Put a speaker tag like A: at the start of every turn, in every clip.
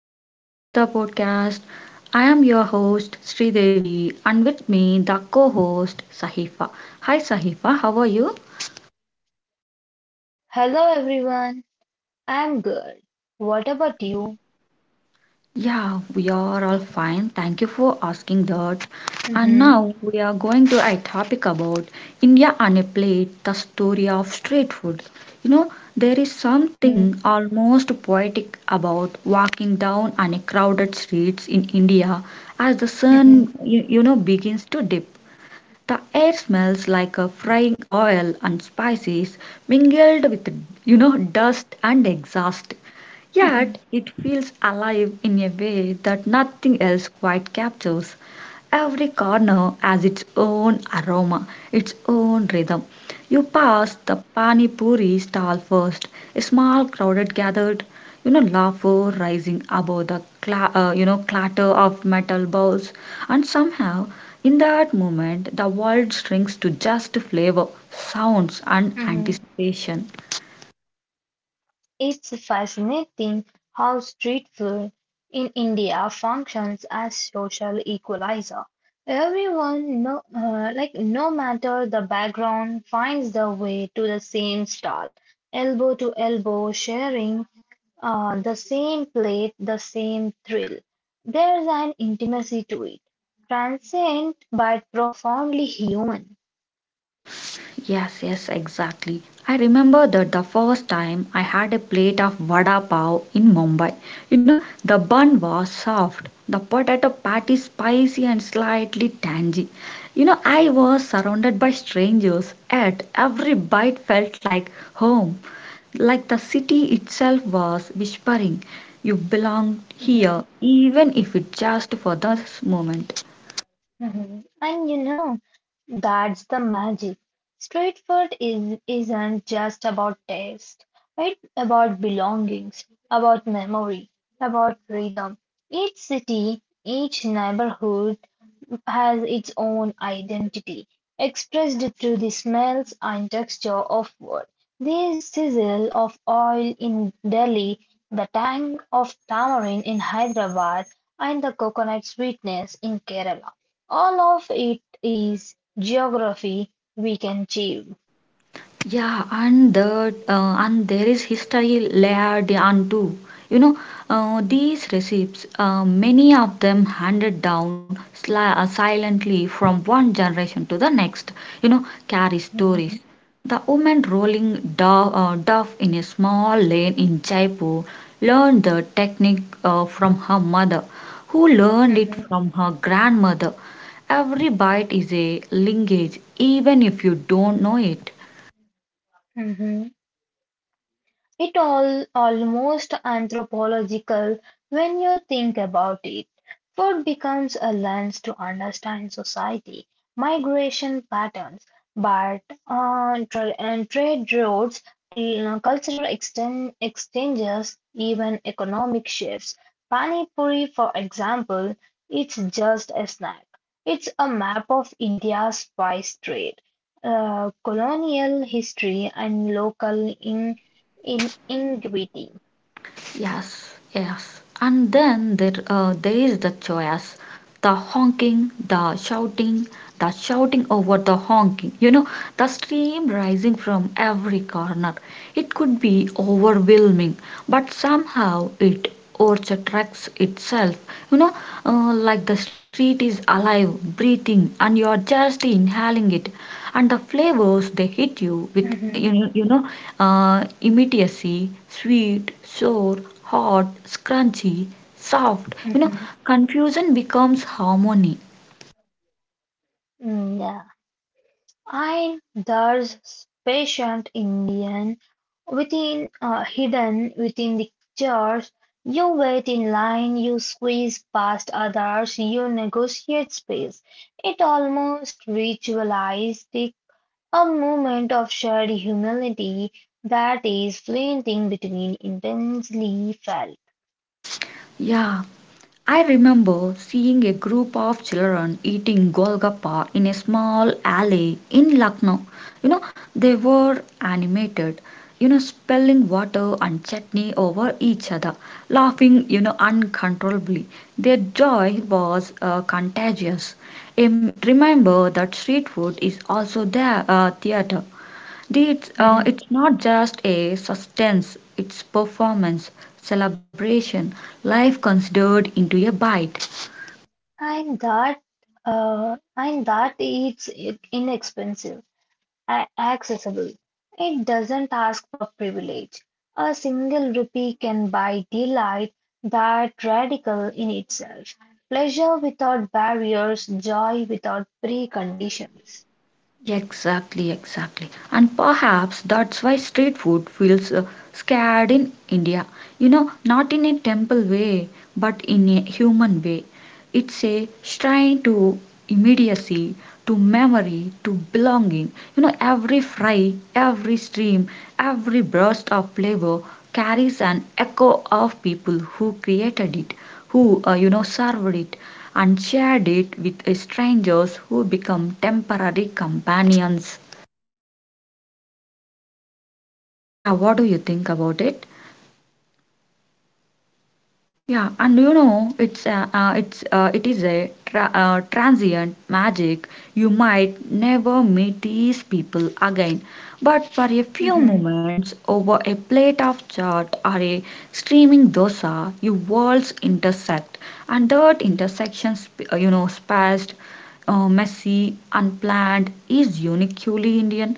A: welcome back to the podcast. I am your host Sri Devi and with me the co-host Sahifa. Hi Sahifa, how are you?
B: Hello everyone, I'm good. What about you?
A: Yeah, we are all fine. Thank you for asking that. And
B: Mhm,
A: now we are going to a topic about India on a plate, the story of street food. You know, there is something
B: mhm,
A: almost poetic about walking down on a crowded streets in India as the sun
B: mhm,
A: begins to dip. The air smells like a frying oil and spices mingled with dust and exhaust. Yet
B: mhm,
A: it feels alive in a way that nothing else quite captures. Every corner has its own aroma, its own rhythm. You pass the pani puri stall first, a small crowded, gathered, laughter rising above the clatter of metal bowls, and somehow in that moment the world shrinks to just flavor, sounds, and
B: mhm.
A: anticipation.
B: It's fascinating how street food in India functions as social equalizer. Everyone, no, no matter the background, finds the way to the same stall, elbow to elbow, sharing the same plate, the same thrill. There's an intimacy to it, transient but profoundly human.
A: Yes, yes, exactly. I remember that the first time I had a plate of vada pav in Mumbai. You know, the bun was soft, the potato patty spicy and slightly tangy. You know, I was surrounded by strangers, yet every bite felt like home, like the city itself was whispering, you belong
B: Mhm,
A: here, even if it just for this moment.
B: mhm. And you know, that's the magic. Street food isn't just about taste, it's about belongings, about memory, about freedom. Each city, each neighborhood has its own identity, expressed through the smells and texture of wood, the sizzle of oil in Delhi, the tang of tamarind in Hyderabad, and the coconut sweetness in Kerala. All of it is geography we can achieve.
A: Yeah, and there is history layered onto. You know, these recipes, many of them handed down silently from one generation to the next. You know, carry stories.
B: Mhm,
A: The woman rolling dove in a small lane in Jaipur learned the technique from her mother, who learned it
B: mhm,
A: from her grandmother. Every bite is a linkage, even if you don't know it.
B: mhm. It all almost anthropological when you think about it. Food becomes a lens to understand society, migration patterns, but and trade routes, cultural exchanges, even economic shifts. Pani Puri, for example, it's just a snack. It's a map of India's spice trade, colonial history, and local in integrity.
A: Yes, yes. And then there is the chaos, the honking, the shouting over the honking. You know, the steam rising from every corner. It could be overwhelming, but somehow it or the trucks itself, you know, like the street is alive, breathing, and you are just inhaling it, and the flavors they hit you with, you
B: Mm-hmm.
A: know, you know uh, immediacy, sweet, sour, hot, crunchy, soft, you know,
B: Mm-hmm.
A: confusion becomes harmony.
B: Mm, yeah, and there's patient Indian within hidden within the church. You wait in line, you squeeze past others, you negotiate space. It almost ritualized the, a moment of shared humility that is fleeting between intensely felt.
A: Yeah, I remember seeing a group of children eating golgappa in a small alley in Lucknow. You know, they were animated, you know, spilling water and chutney over each other, laughing, you know, uncontrollably. Their joy was contagious. Remember that street food is also their theater. It's not just a sustenance, it's performance, celebration, life considered into a bite.
B: And that and that it's inexpensive, accessible. It doesn't ask for privilege. A single rupee can buy delight that radical in itself. Pleasure without barriers, joy without preconditions.
A: Exactly, exactly. And perhaps that's why street food feels scared in India. You know, not in a temple way, but in a human way. It's a shrine to immediacy, to memory, to belonging. You know, every fry, every stream, every burst of flavor carries an echo of people who created it, who, served it and shared it with strangers who become temporary companions. Yeah, what do you think about it? Yeah, and you know, it is a transient magic. You might never meet these people again, but for a few
B: Mhm,
A: moments over a plate of chaat or a steaming dosa, your worlds intersect, and that intersection, spaced, messy, unplanned, is uniquely Indian.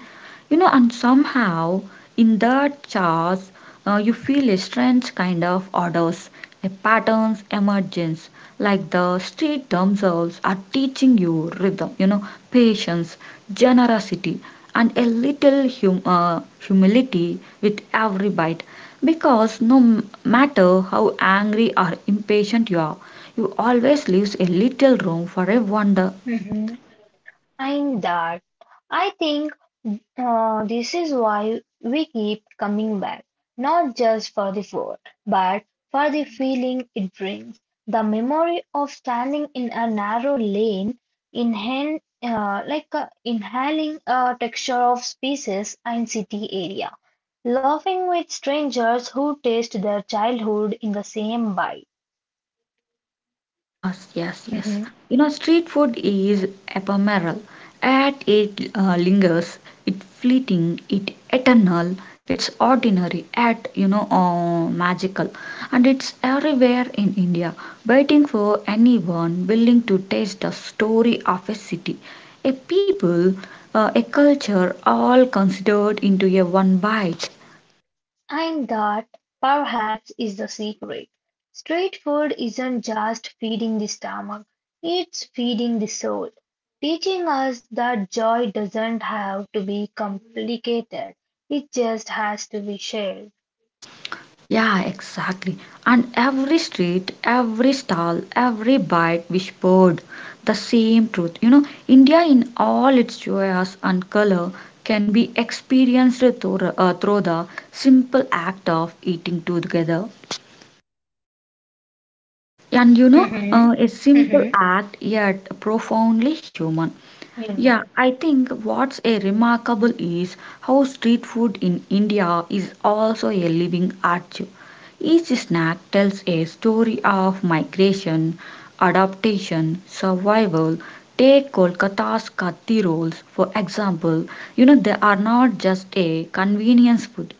A: You know, and somehow in that chaos, you feel a strange kind of odors, a patterns emergence, like the street themselves are teaching you rhythm, you know, patience, generosity, and a little humility with every bite, because no matter how angry or impatient you are, you always leaves a little room for a wonder.
B: mhm. Behind that, I think this is why we keep coming back, not just for the food, but for the feeling it brings. The memory of standing in a narrow lane, inhale, like inhaling a texture of spaces and city area, laughing with strangers who taste their childhood in the same bite.
A: Yes, yes, yes.
B: Mm-hmm.
A: You know, street food is ephemeral. At it lingers, it fleeting, it eternal, it's ordinary, at you know magical, and it's everywhere in India, waiting for anyone willing to taste the story of a city, a people, a culture, all considered into a one bite.
B: And that perhaps is the secret. Street food isn't just feeding the stomach, it's feeding the soul, teaching us that joy doesn't have to be complicated, it just has to be shared.
A: Yeah, exactly. And every street, every stall, every bite whispered the same truth. You know, India in all its joyous and color can be experienced through the simple act of eating together. And you know,
B: Mm-hmm.
A: a simple
B: Mm-hmm.
A: act yet profoundly human. Yeah, I think what's a remarkable is how street food in India is also a living art. Each snack tells a story of migration, adaptation, survival. Take Kolkata's katti rolls for example. You know they are not just a convenience food;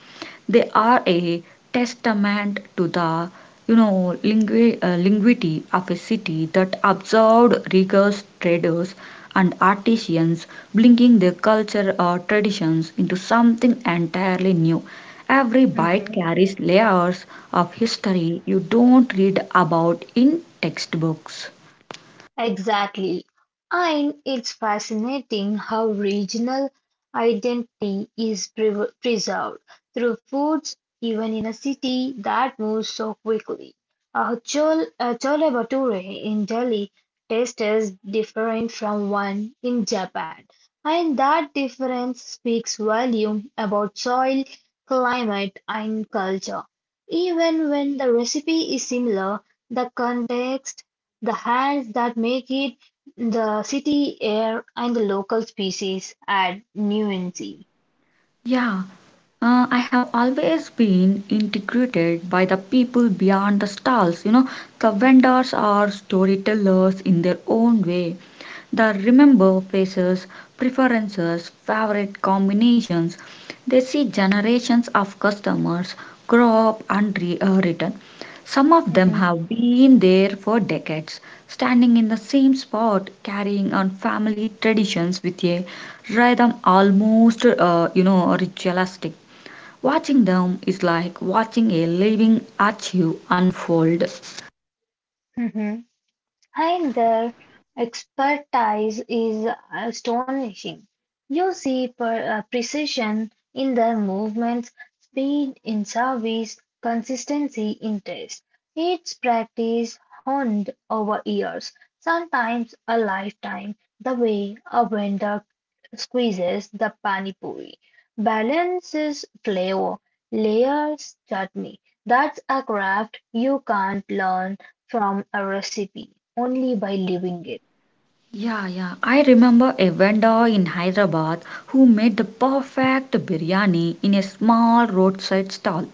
A: they are a testament to the you know, linguity of a city that absorbed riggers, traders, and artisans, bringing their culture or traditions into something entirely new. Every bite
B: Human.
A: carries layers of history you don't read about in textbooks.
B: Exactly. And it's fascinating how regional identity is preserved through foods, even in a city that moves so quickly. A chol, a chole bhature in Delhi tastes different from one in Japan, and that difference speaks volume about soil, climate, and culture. Even when the recipe is similar, the context, the hands that make it, the city air, and the local species add nuance.
A: Yeah, I have always been integrated by the people beyond the stalls. You know, the vendors are storytellers in their own way. They remember faces, preferences, favorite combinations. They see generations of customers grow up and return. Some of them
B: Mm-hmm.
A: have been there for decades, standing in the same spot, carrying on family traditions with a rhythm almost, ritualistic. Watching them is like watching a living archive unfold.
B: Mm-hmm. And their expertise is astonishing. You see precision in their movements, speed in service, consistency in taste. It's practice honed over years, sometimes a lifetime, the way a vendor squeezes the pani puri, balances flavor, layers chutney. That's a craft you can't learn from a recipe, only by living it.
A: Yeah, yeah. I remember a vendor in Hyderabad who made the perfect biryani in a small roadside stall.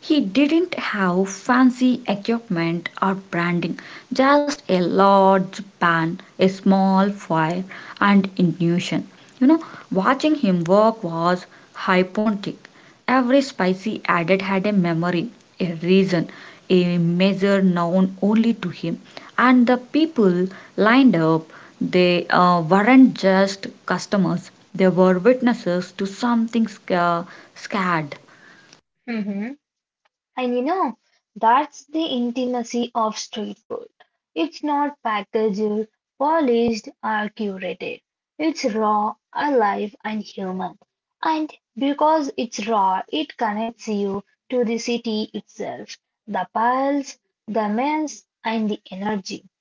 A: He didn't have fancy equipment or branding, just a large pan, a small fire, and intuition. You know, watching him work was hypnotic. Every spice he added had a memory, a reason, a measure known only to him. And the people lined up, they weren't just customers, they were witnesses to something scared.
B: Mm-hmm. And you know, that's the intimacy of street food. It's not packaged, polished, or curated. It's raw, alive, and human. And because it's raw, it connects you to the city itself, the pulse, the mess, and the energy.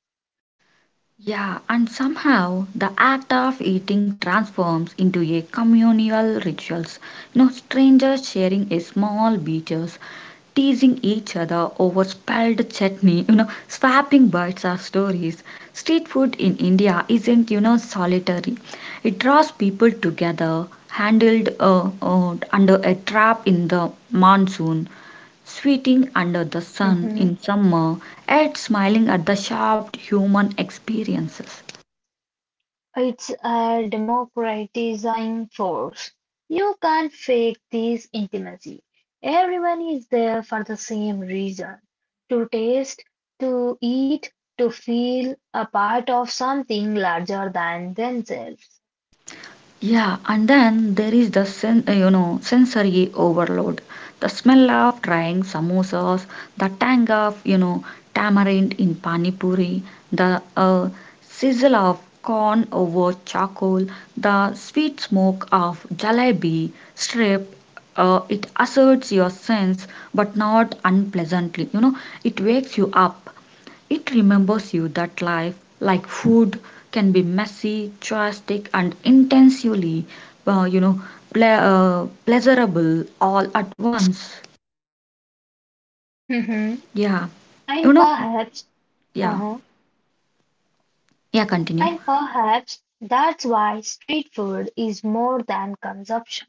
A: Yeah, and somehow the act of eating transforms into a communal rituals. You know, strangers sharing a small beaches, teasing each other over spilled chutney, you know, swapping bites or stories. Street food in India isn't, you know, solitary. It draws people together, handled under a trap in the monsoon, sweating under the sun in summer, yet smiling at the sharp human experiences.
B: It's a democratizing force. You can't fake this intimacy. Everyone is there for the same reason, to taste, to eat, to feel a part of something larger than themselves.
A: Yeah, and then there is the sensory overload. The smell of drying samosas, the tang of you know tamarind in pani puri, the sizzle of corn over charcoal, the sweet smoke of jalebi strip. It asserts your sense, but not unpleasantly. You know, it wakes you up. It remembers you that life, like food, can be messy, drastic, and intensely, uh, you know, pleasurable all at once. Yeah, you
B: and
A: know,
B: perhaps,
A: yeah,
B: uh-huh.
A: yeah. Continue.
B: and perhaps that's why street food is more than consumption.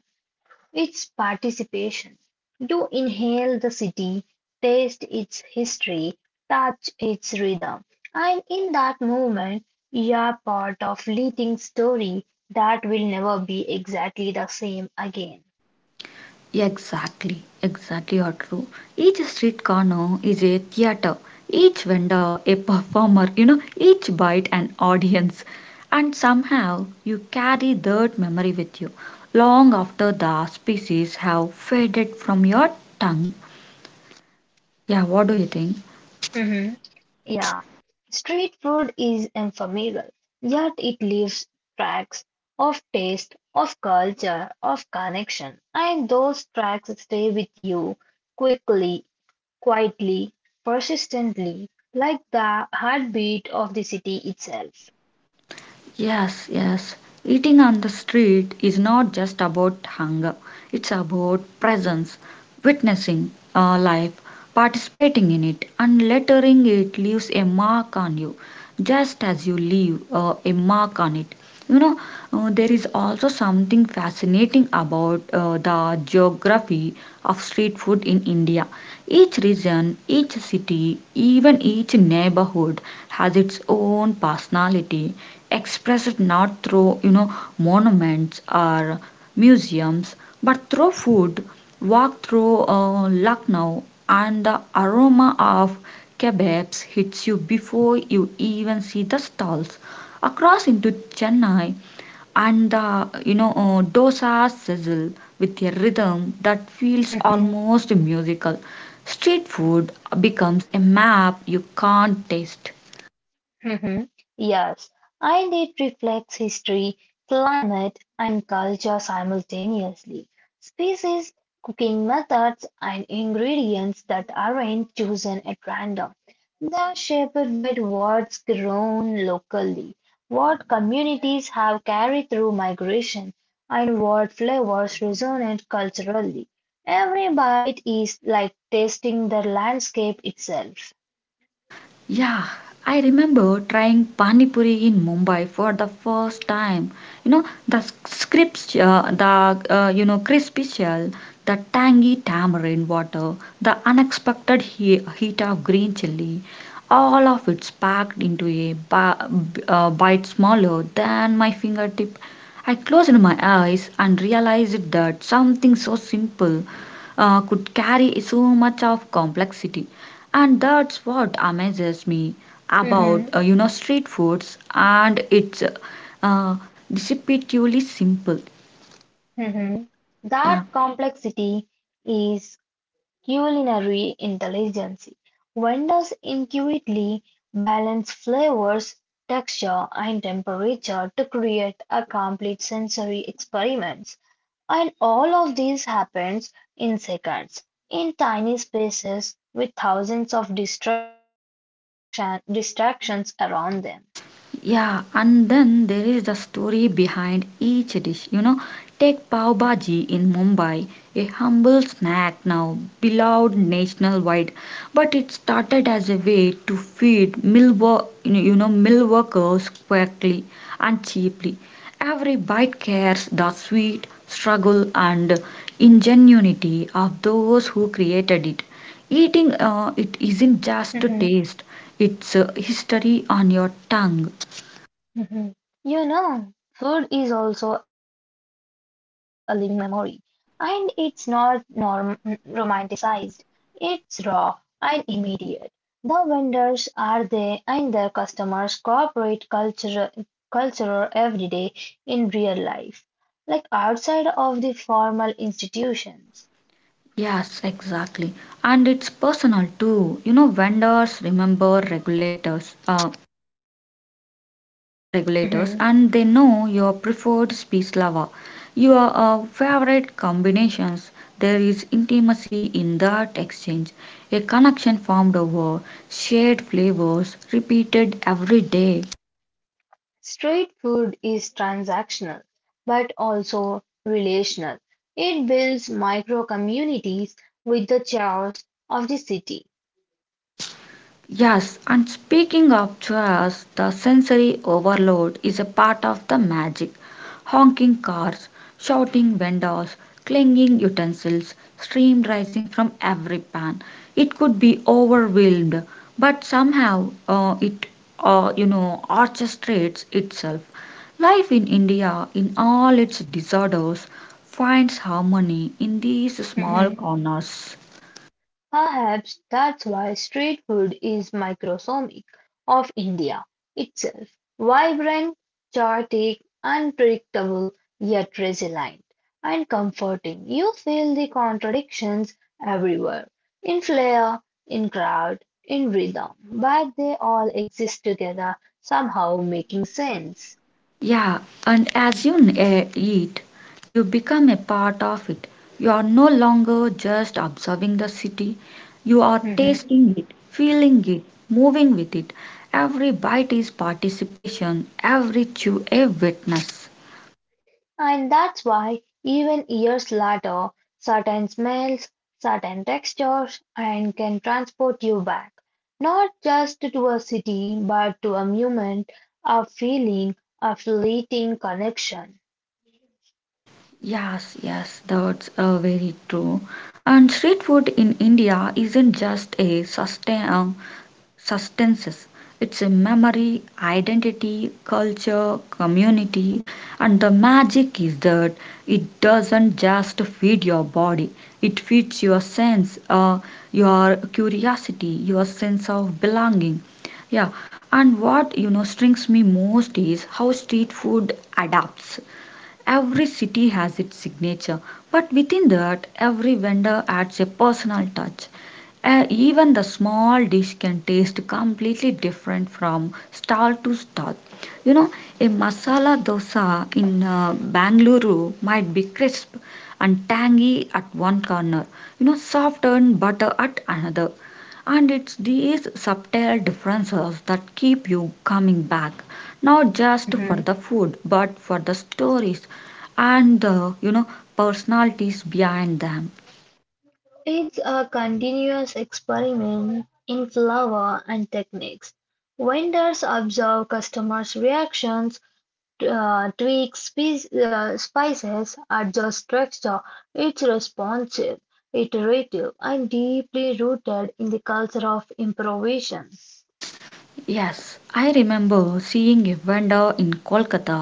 B: It's participation. You inhale the city, taste its history, touch its rhythm, and in that moment, you are part of leading story that will never be exactly the same again.
A: Exactly, exactly are true. Each street corner is a theater, each vendor a performer, you know, each bite an audience. And somehow you carry that memory with you long after the species have faded from your tongue. Yeah, what do you think?
B: Mhm. Yeah. Street food is ephemeral, yet it leaves tracks of taste, of culture, of connection, and those tracks stay with you quickly, quietly, persistently, like the heartbeat of the city itself.
A: Yes, yes. Eating on the street is not just about hunger, it's about presence, witnessing life, participating in it, and lettering it leaves a mark on you, just as you leave a mark on it. You know, there is also something fascinating about the geography of street food in India. Each region, each city, even each neighborhood has its own personality, express it not through you know monuments or museums but through food. Walk through lucknow and the aroma of kebabs hits you before you even see the stalls. Across into chennai, and the you know dosas sizzle with a rhythm that feels almost musical. Street food becomes a map you can't taste.
B: Mhm. Yes, and it reflects history, climate, and culture simultaneously. Species, cooking methods, and ingredients that aren't chosen at random. They're shaped by what's grown locally, what communities have carried through migration, and what flavors resonate culturally. Every bite is like tasting the landscape itself.
A: Yeah, I remember trying pani puri in Mumbai for the first time. You know the you know crispy shell, the tangy tamarind water, the unexpected heat of green chili, all of it's packed into a bite smaller than my fingertip. I closed my eyes and realized that something so simple could carry so much of complexity, and that's what amazes me about you know street foods and it's uh, deceptively simple.
B: Mhm. That
A: Yeah.
B: complexity is culinary intelligence. Vendors intuitively balance flavors, texture, and temperature to create a complete sensory experiment. And all of this happens in seconds, in tiny spaces with thousands of distractions around them.
A: Yeah, and then there is the story behind each dish. You know, take pav bhaji in Mumbai, a humble snack now beloved nationwide, but it started as a way to feed you know mill workers quickly and cheaply. Every bite carries the sweet struggle and ingenuity of those who created it. Eating it isn't just a taste, it's a history on your tongue.
B: Mhm. You know, food is also a living memory, and it's not norm romanticized. It's raw and immediate. The vendors are there, and their customers cooperate culture every day in real life, like outside of the formal institutions.
A: Yes, exactly. And it's personal too. You know, vendors remember regulators, and they know your preferred speech lover, your favorite combinations. There is intimacy in that exchange, a connection formed over shared flavors repeated every day.
B: Street food is transactional but also relational. It builds micro communities with the chaos of the city.
A: Yes, and speaking of chairs, the sensory overload is a part of the magic. Honking cars, shouting vendors, clanging utensils, steam rising from every pan. It could be overwhelmed, but somehow you know, orchestrates itself. Life in India, in all its disorders, finds harmony in these small corners.
B: Perhaps that's why street food is microscopic of India itself: vibrant, chaotic, unpredictable, yet resilient and comforting. You feel the contradictions everywhere, in flair, in crowd, in rhythm, but they all exist together, somehow making sense.
A: Yeah, and as you eat, you become a part of it. You are no longer just observing the city, you are tasting it, feeling it, moving with it. Every bite is participation, every chew a witness.
B: And that's why, even years later, certain smells, certain textures, and can transport you back, not just to a city, but to a moment, a feeling, a fleeting connection.
A: Yes, yes, that's very true. And street food in India isn't just a substances. It's a memory, identity, culture, community, and the magic is that it doesn't just feed your body, it feeds your your curiosity, your sense of belonging. Yeah, and what strings me most is how street food adapts. Every city has its signature, but within that, every vendor adds a personal touch. Even the small dish can taste completely different from stall to stall. You know, a masala dosa in Bangalore might be crisp and tangy at one corner, you know, soft and butter at another. And it's these subtle differences that keep you coming back not just for the
B: Hmm.
A: food but for the stories and the personalities behind them.
B: It's a continuous experiment in flavor and techniques. Vendors observe customers' reactions, tweak spices, adjust texture. It's responsive, iterative, and deeply rooted in the culture of improvisation.
A: Yes, I remember seeing a vendor in Kolkata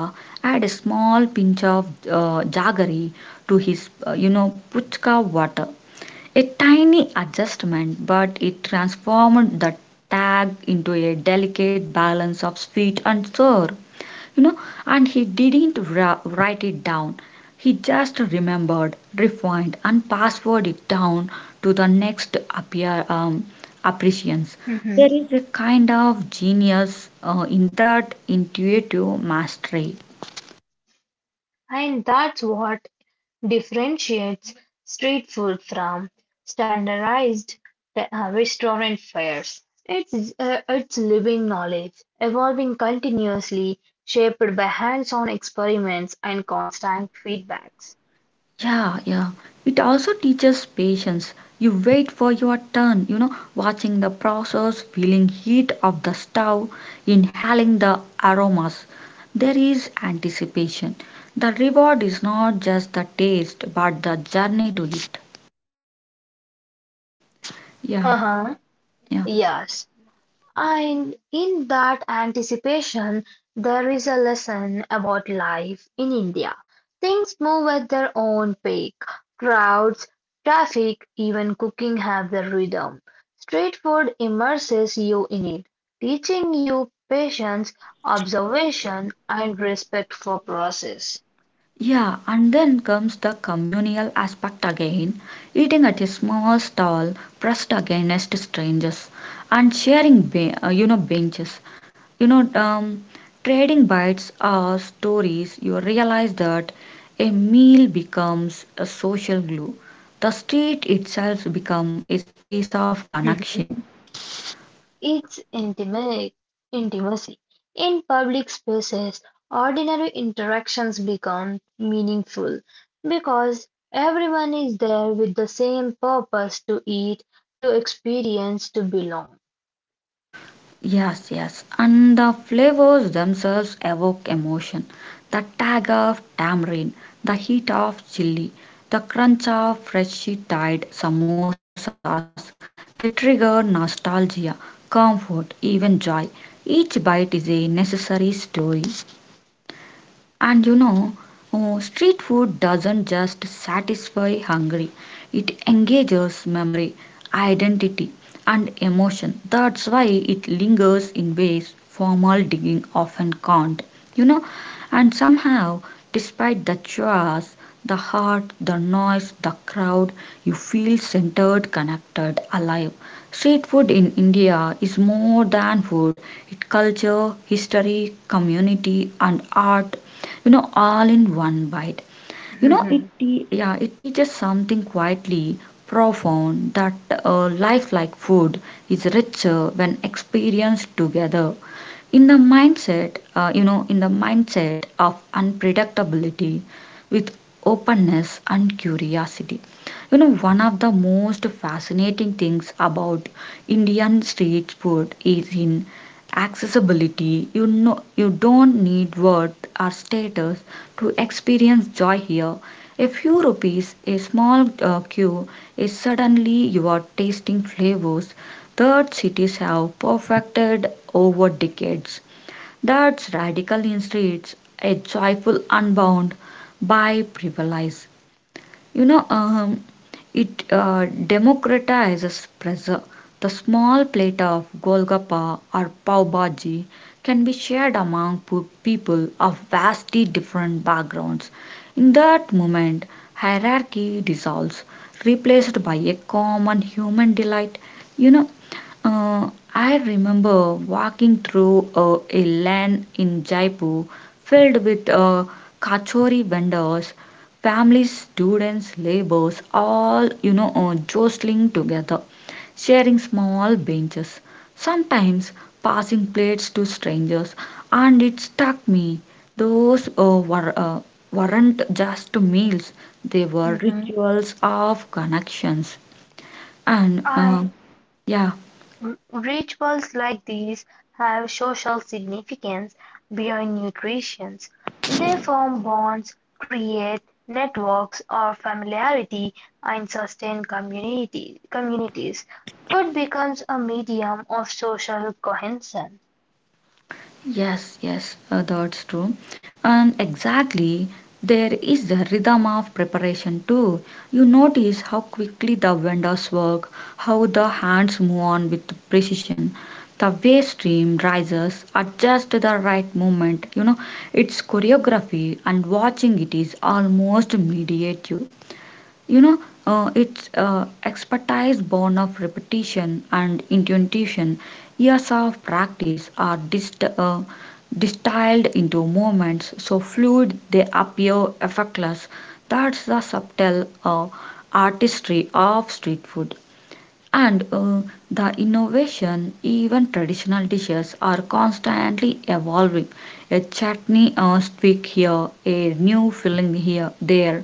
A: add a small pinch of jaggery to his puchka water, a tiny adjustment, but it transformed the tag into a delicate balance of sweet and sour, you know. And he didn't write it down, he just remembered, refined and password it down to the next appear appreciance.
B: Mhm.
A: There is a kind of genius in that intuitive mastery.
B: And that's what differentiates street food from standardized restaurant fares. It's living knowledge, evolving continuously, shaped by hands on experiments and constant feedbacks.
A: Yeah, yeah. It also teaches patience. You wait for your turn, you know, watching the process, feeling heat of the stove, inhaling the aromas. There is anticipation. The reward is not just the taste, but the journey to it. Yeah,
B: Uh-huh.
A: yeah.
B: Yes, and in that anticipation, there is a lesson about life in India. Things move at their own pace. Crowds, traffic, even cooking have their rhythm. Street food immerses you in it, teaching you patience, observation, and respect for process.
A: Yeah, and then comes the communal aspect again, eating at a small stall, pressed against strangers and sharing benches, you know um, trading bites or stories, you realize that a meal becomes a social glue, the street itself becomes a space of connection.
B: Its intimate intimacy in public spaces, ordinary interactions become meaningful because everyone is there with the same purpose, to eat, to experience, to belong.
A: Yes, yes. And the flavors themselves evoke emotion. The tang of tamarind, the heat of chili, the crunch of freshly tied samosas, they trigger nostalgia, comfort, even joy. Each bite is a necessary story and you know, oh, street food doesn't just satisfy hunger, it engages memory, identity, and emotion. That's why it lingers in ways formal digging often can't. You know, and somehow, despite the chores, the heart, the noise, the crowd, you feel centered, connected, alive. Street food in India is more than food, it culture, history, community and art, you know, all in one bite. You know, it yeah, it teaches something quietly profound that life like food is richer when experienced together. In the mindset, you know, in the mindset of unpredictability with openness and curiosity. You know, one of the most fascinating things about Indian street food is in accessibility. You know, you don't need worth or status to experience joy here. A few rupees, a small queue, is suddenly you are tasting flavors that cities have perfected over decades. That's radical in streets, a joyful unbound by privilege, you know it democratizes pressure. The small plate of golgappa or pav bhaji can be shared among people of vastly different backgrounds. In that moment hierarchy dissolves, replaced by a common human delight, you know uh, I remember walking through a lane in Jaipur filled with kachori vendors. Families, students, laborers, all jostling together, sharing small benches, sometimes passing plates to strangers. And it struck me, those uh, were, uh, weren't just meals, they were rituals of connections. And uh,
B: I
A: yeah,
B: Rituals like these have social significance beyond nutrition; they form bonds, create networks of familiarity, and sustain communities. Food becomes a medium of social cohesion.
A: Yes, yes, that's true. And exactly, there is the rhythm of preparation too. You notice how quickly the vendors work, how the hands move on with precision. The way stream rises, adjust the right movement. You know, it's choreography, and watching it is almost meditative. You know, it's expertise born of repetition and intuition. Years of practice are distilled into moments so fluid they appear effortless. That's the subtle artistry of street food. And The innovation, even traditional dishes, are constantly evolving. A chutney tweak here, a new filling here, there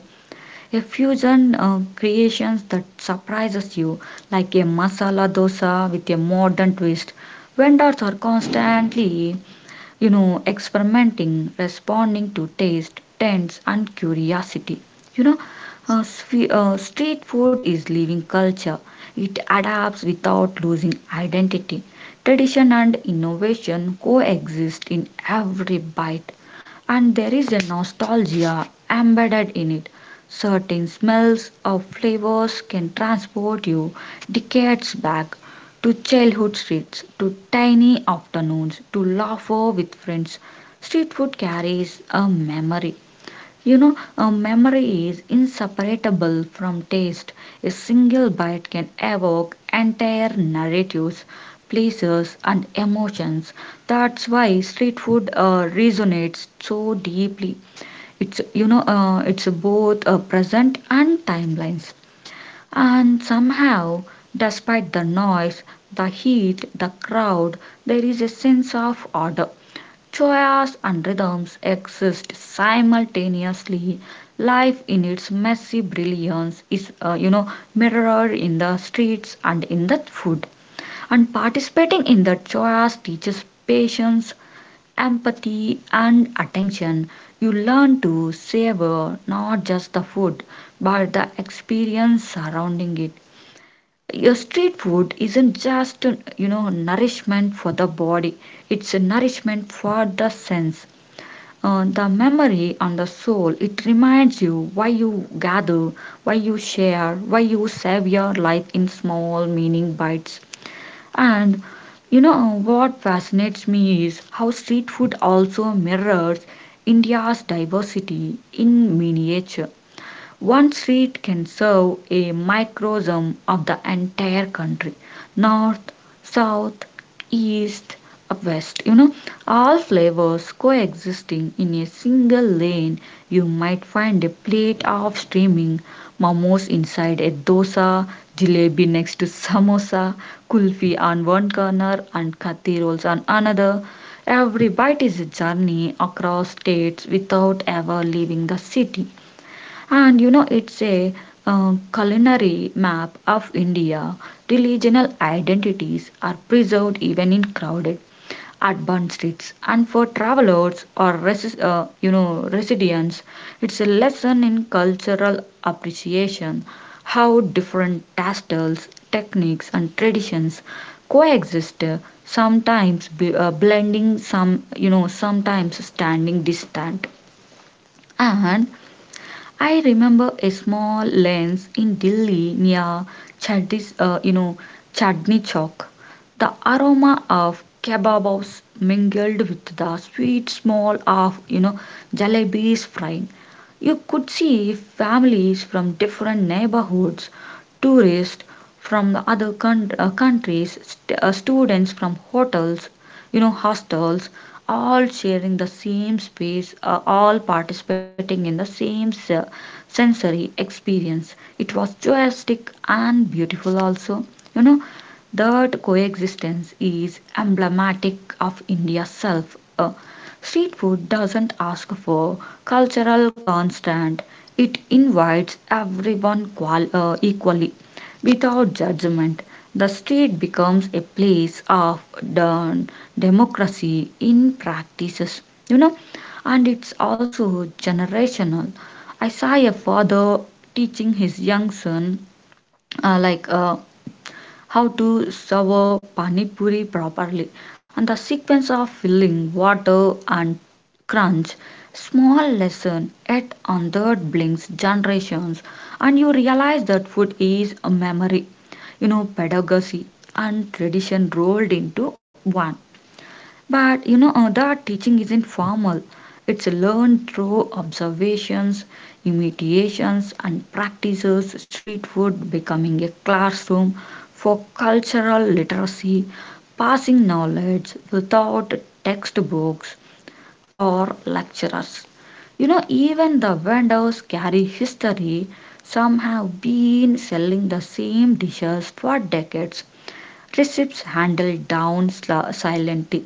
A: a fusion creations that surprises you, like a masala dosa with a modern twist. Vendors are constantly, you know, experimenting, responding to taste, trends, and curiosity. You know, Street food is living culture. It adapts without losing identity. Tradition and innovation coexist in every bite, and there is a nostalgia embedded in it. Certain smells or flavors can transport you decades back to childhood streets, to tiny afternoons, to laughter with friends. Street food carries a memory, you know, a memory is inseparable from taste. A single bite can evoke entire narratives, places, and emotions. That's why street food resonates so deeply. It's it's both present and timelines. And somehow, despite the noise, the heat, the crowd, there is a sense of order. Chaos and rhythms exist simultaneously. Life in its messy brilliance is, mirrored in the streets and in the food. And participating in the chaos teaches patience, empathy, and attention. You learn to savor not just the food, but the experience surrounding it. Your street food isn't just, you know, nourishment for the body, it's a nourishment for the sense. The memory and the soul, it reminds you why you gather, why you share, why you save your life in small, meaning bites. And what fascinates me is how street food also mirrors India's diversity in miniature. One street can serve a microcosm of the entire country, north, south, east, west. You know, all flavors coexisting in a single lane. You might find a plate of steaming momos inside a dosa, jalebi next to samosa, kulfi on one corner, and kathi rolls on another. Every bite is a journey across states without ever leaving the city, and you know it's a culinary map of India. Regional identities are preserved even in crowded urban streets, and for travelers or residents, it's a lesson in cultural appreciation, how different tastes, techniques, and traditions coexist, sometimes blending, sometimes standing distant. And I remember a small lens in Delhi near Chadis, uh, you know, Chadni Chowk. The aroma of kebabs mingled with the sweet smell of, you know, jalebis frying. You could see families from different neighborhoods, tourists from the other countries, students from hotels, you know, hostels, all sharing the same space, all participating in the same sensory experience. It was joyastic and beautiful also, you know, that coexistence is emblematic of India's self. Street food doesn't ask for cultural constant, it invites everyone equally, without judgment. The street becomes a place of done democracy in practices, you know. And it's also generational. I saw a father teaching his young son uh, like uh, how to serve pani puri properly, and the sequence of filling water and crunch. Small lesson, yet on third blinks generations, and you realize that food is a memory, you know, pedagogy and tradition rolled into one. But that teaching isn't formal. It's learned through observations, imitations, and practices. Street food becoming a classroom for cultural literacy, passing knowledge without textbooks or lecturers. You know, even the vendors carry history. Some have been selling the same dishes for decades. Relationships handled down silently,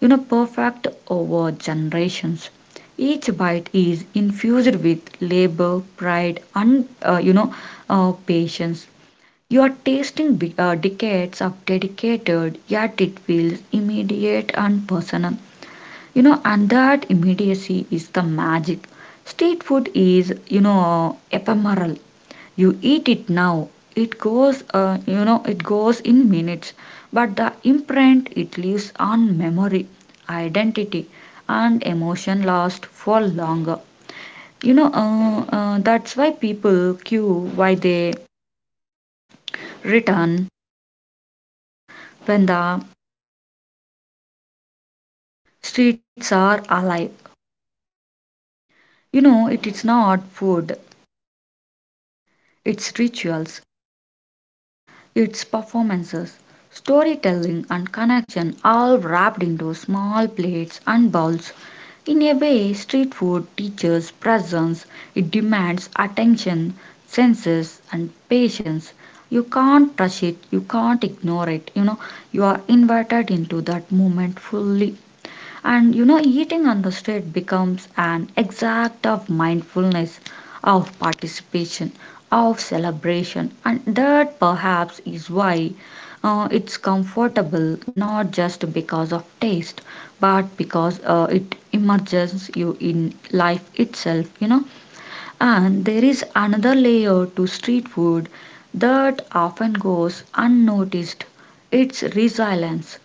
A: you know, perfect over generations. Each bite is infused with labor, pride, and patience. You are tasting decades of dedicated, yet it feels immediate and personal. You know, and that immediacy is the magic. Street food is, you know, ephemeral, you eat it now, it goes it goes in minutes, but the imprint it leaves on memory, identity, and emotion last for longer, you know. That's why people queue, why they return, when the streets are alive. You know, it is not food, it's rituals, its performances, storytelling, and connection all wrapped into small plates and bowls. In a way, street food teaches presence, it demands attention, senses, and patience. You can't rush it, you can't ignore it. You know, you are invited into that moment fully. And you know, eating on the street becomes an exact of mindfulness, of participation, of celebration, and that perhaps is why it's comfortable not just because of taste, but because it immerses you in life itself, you know. And there is another layer to street food that often goes unnoticed, it's resilience.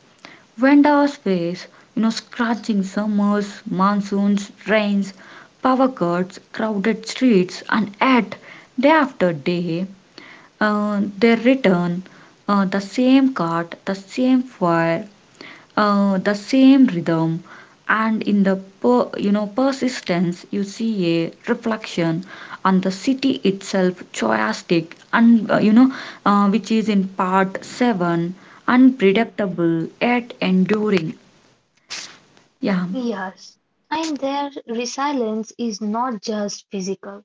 A: Vendors face, you know, scorching summers, monsoons, rains, power cuts, crowded streets, and yet day after day they return, the same cart, the same fire, the same rhythm, and in the persistence, you see a reflection on the city itself, choistic, and which is in part seven,
B: Mhm.
A: unpredictable yet enduring. Yeah,
B: Yes, and their resilience is not just physical.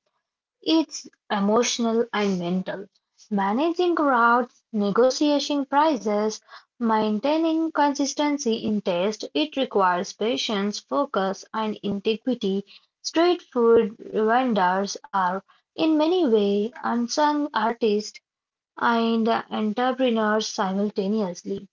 B: It's emotional and mental, managing crowds, negotiating prices, maintaining consistency in taste. It requires patience, focus, and integrity. Street food vendors are, in many ways, unsung artists and entrepreneurs simultaneously.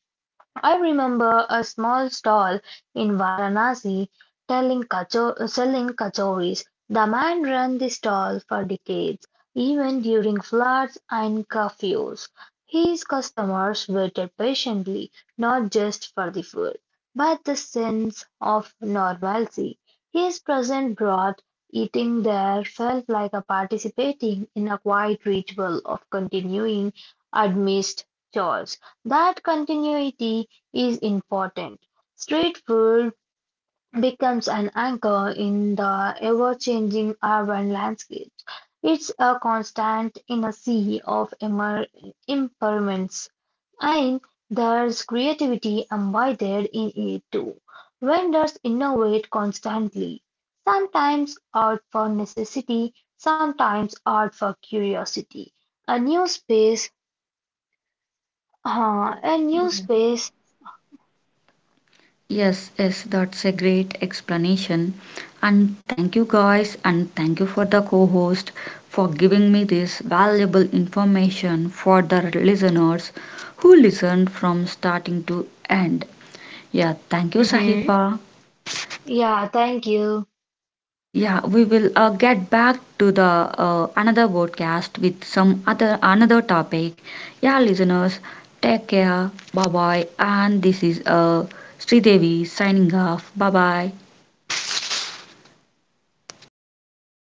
B: I remember a small stall in Varanasi selling kachoris. The man ran the stall for decades, even during floods and curfews. His customers waited patiently, not just for the food, but the sense of normalcy. His presence brought eating there felt like a participating in a quiet ritual of continuing amidst chores. That continuity is important. Street food becomes an anchor in the ever-changing urban landscape. It's a constant in a sea of impermanence, and there's creativity embedded in it too. Vendors innovate constantly, sometimes out for necessity, sometimes out for curiosity. A new space, a new space.
A: yes, yes, that's a great explanation. And thank you guys, and thank you for the co host for giving me this valuable information for the listeners who listened from starting to end. Yeah, thank you,
B: Mm-hmm.
A: Sahifa.
B: Yeah, thank you.
A: Yeah, we will get back to the another podcast with some other another topic. Yeah, listeners, take care. Bye bye. And this is Sridevi signing off. Bye bye.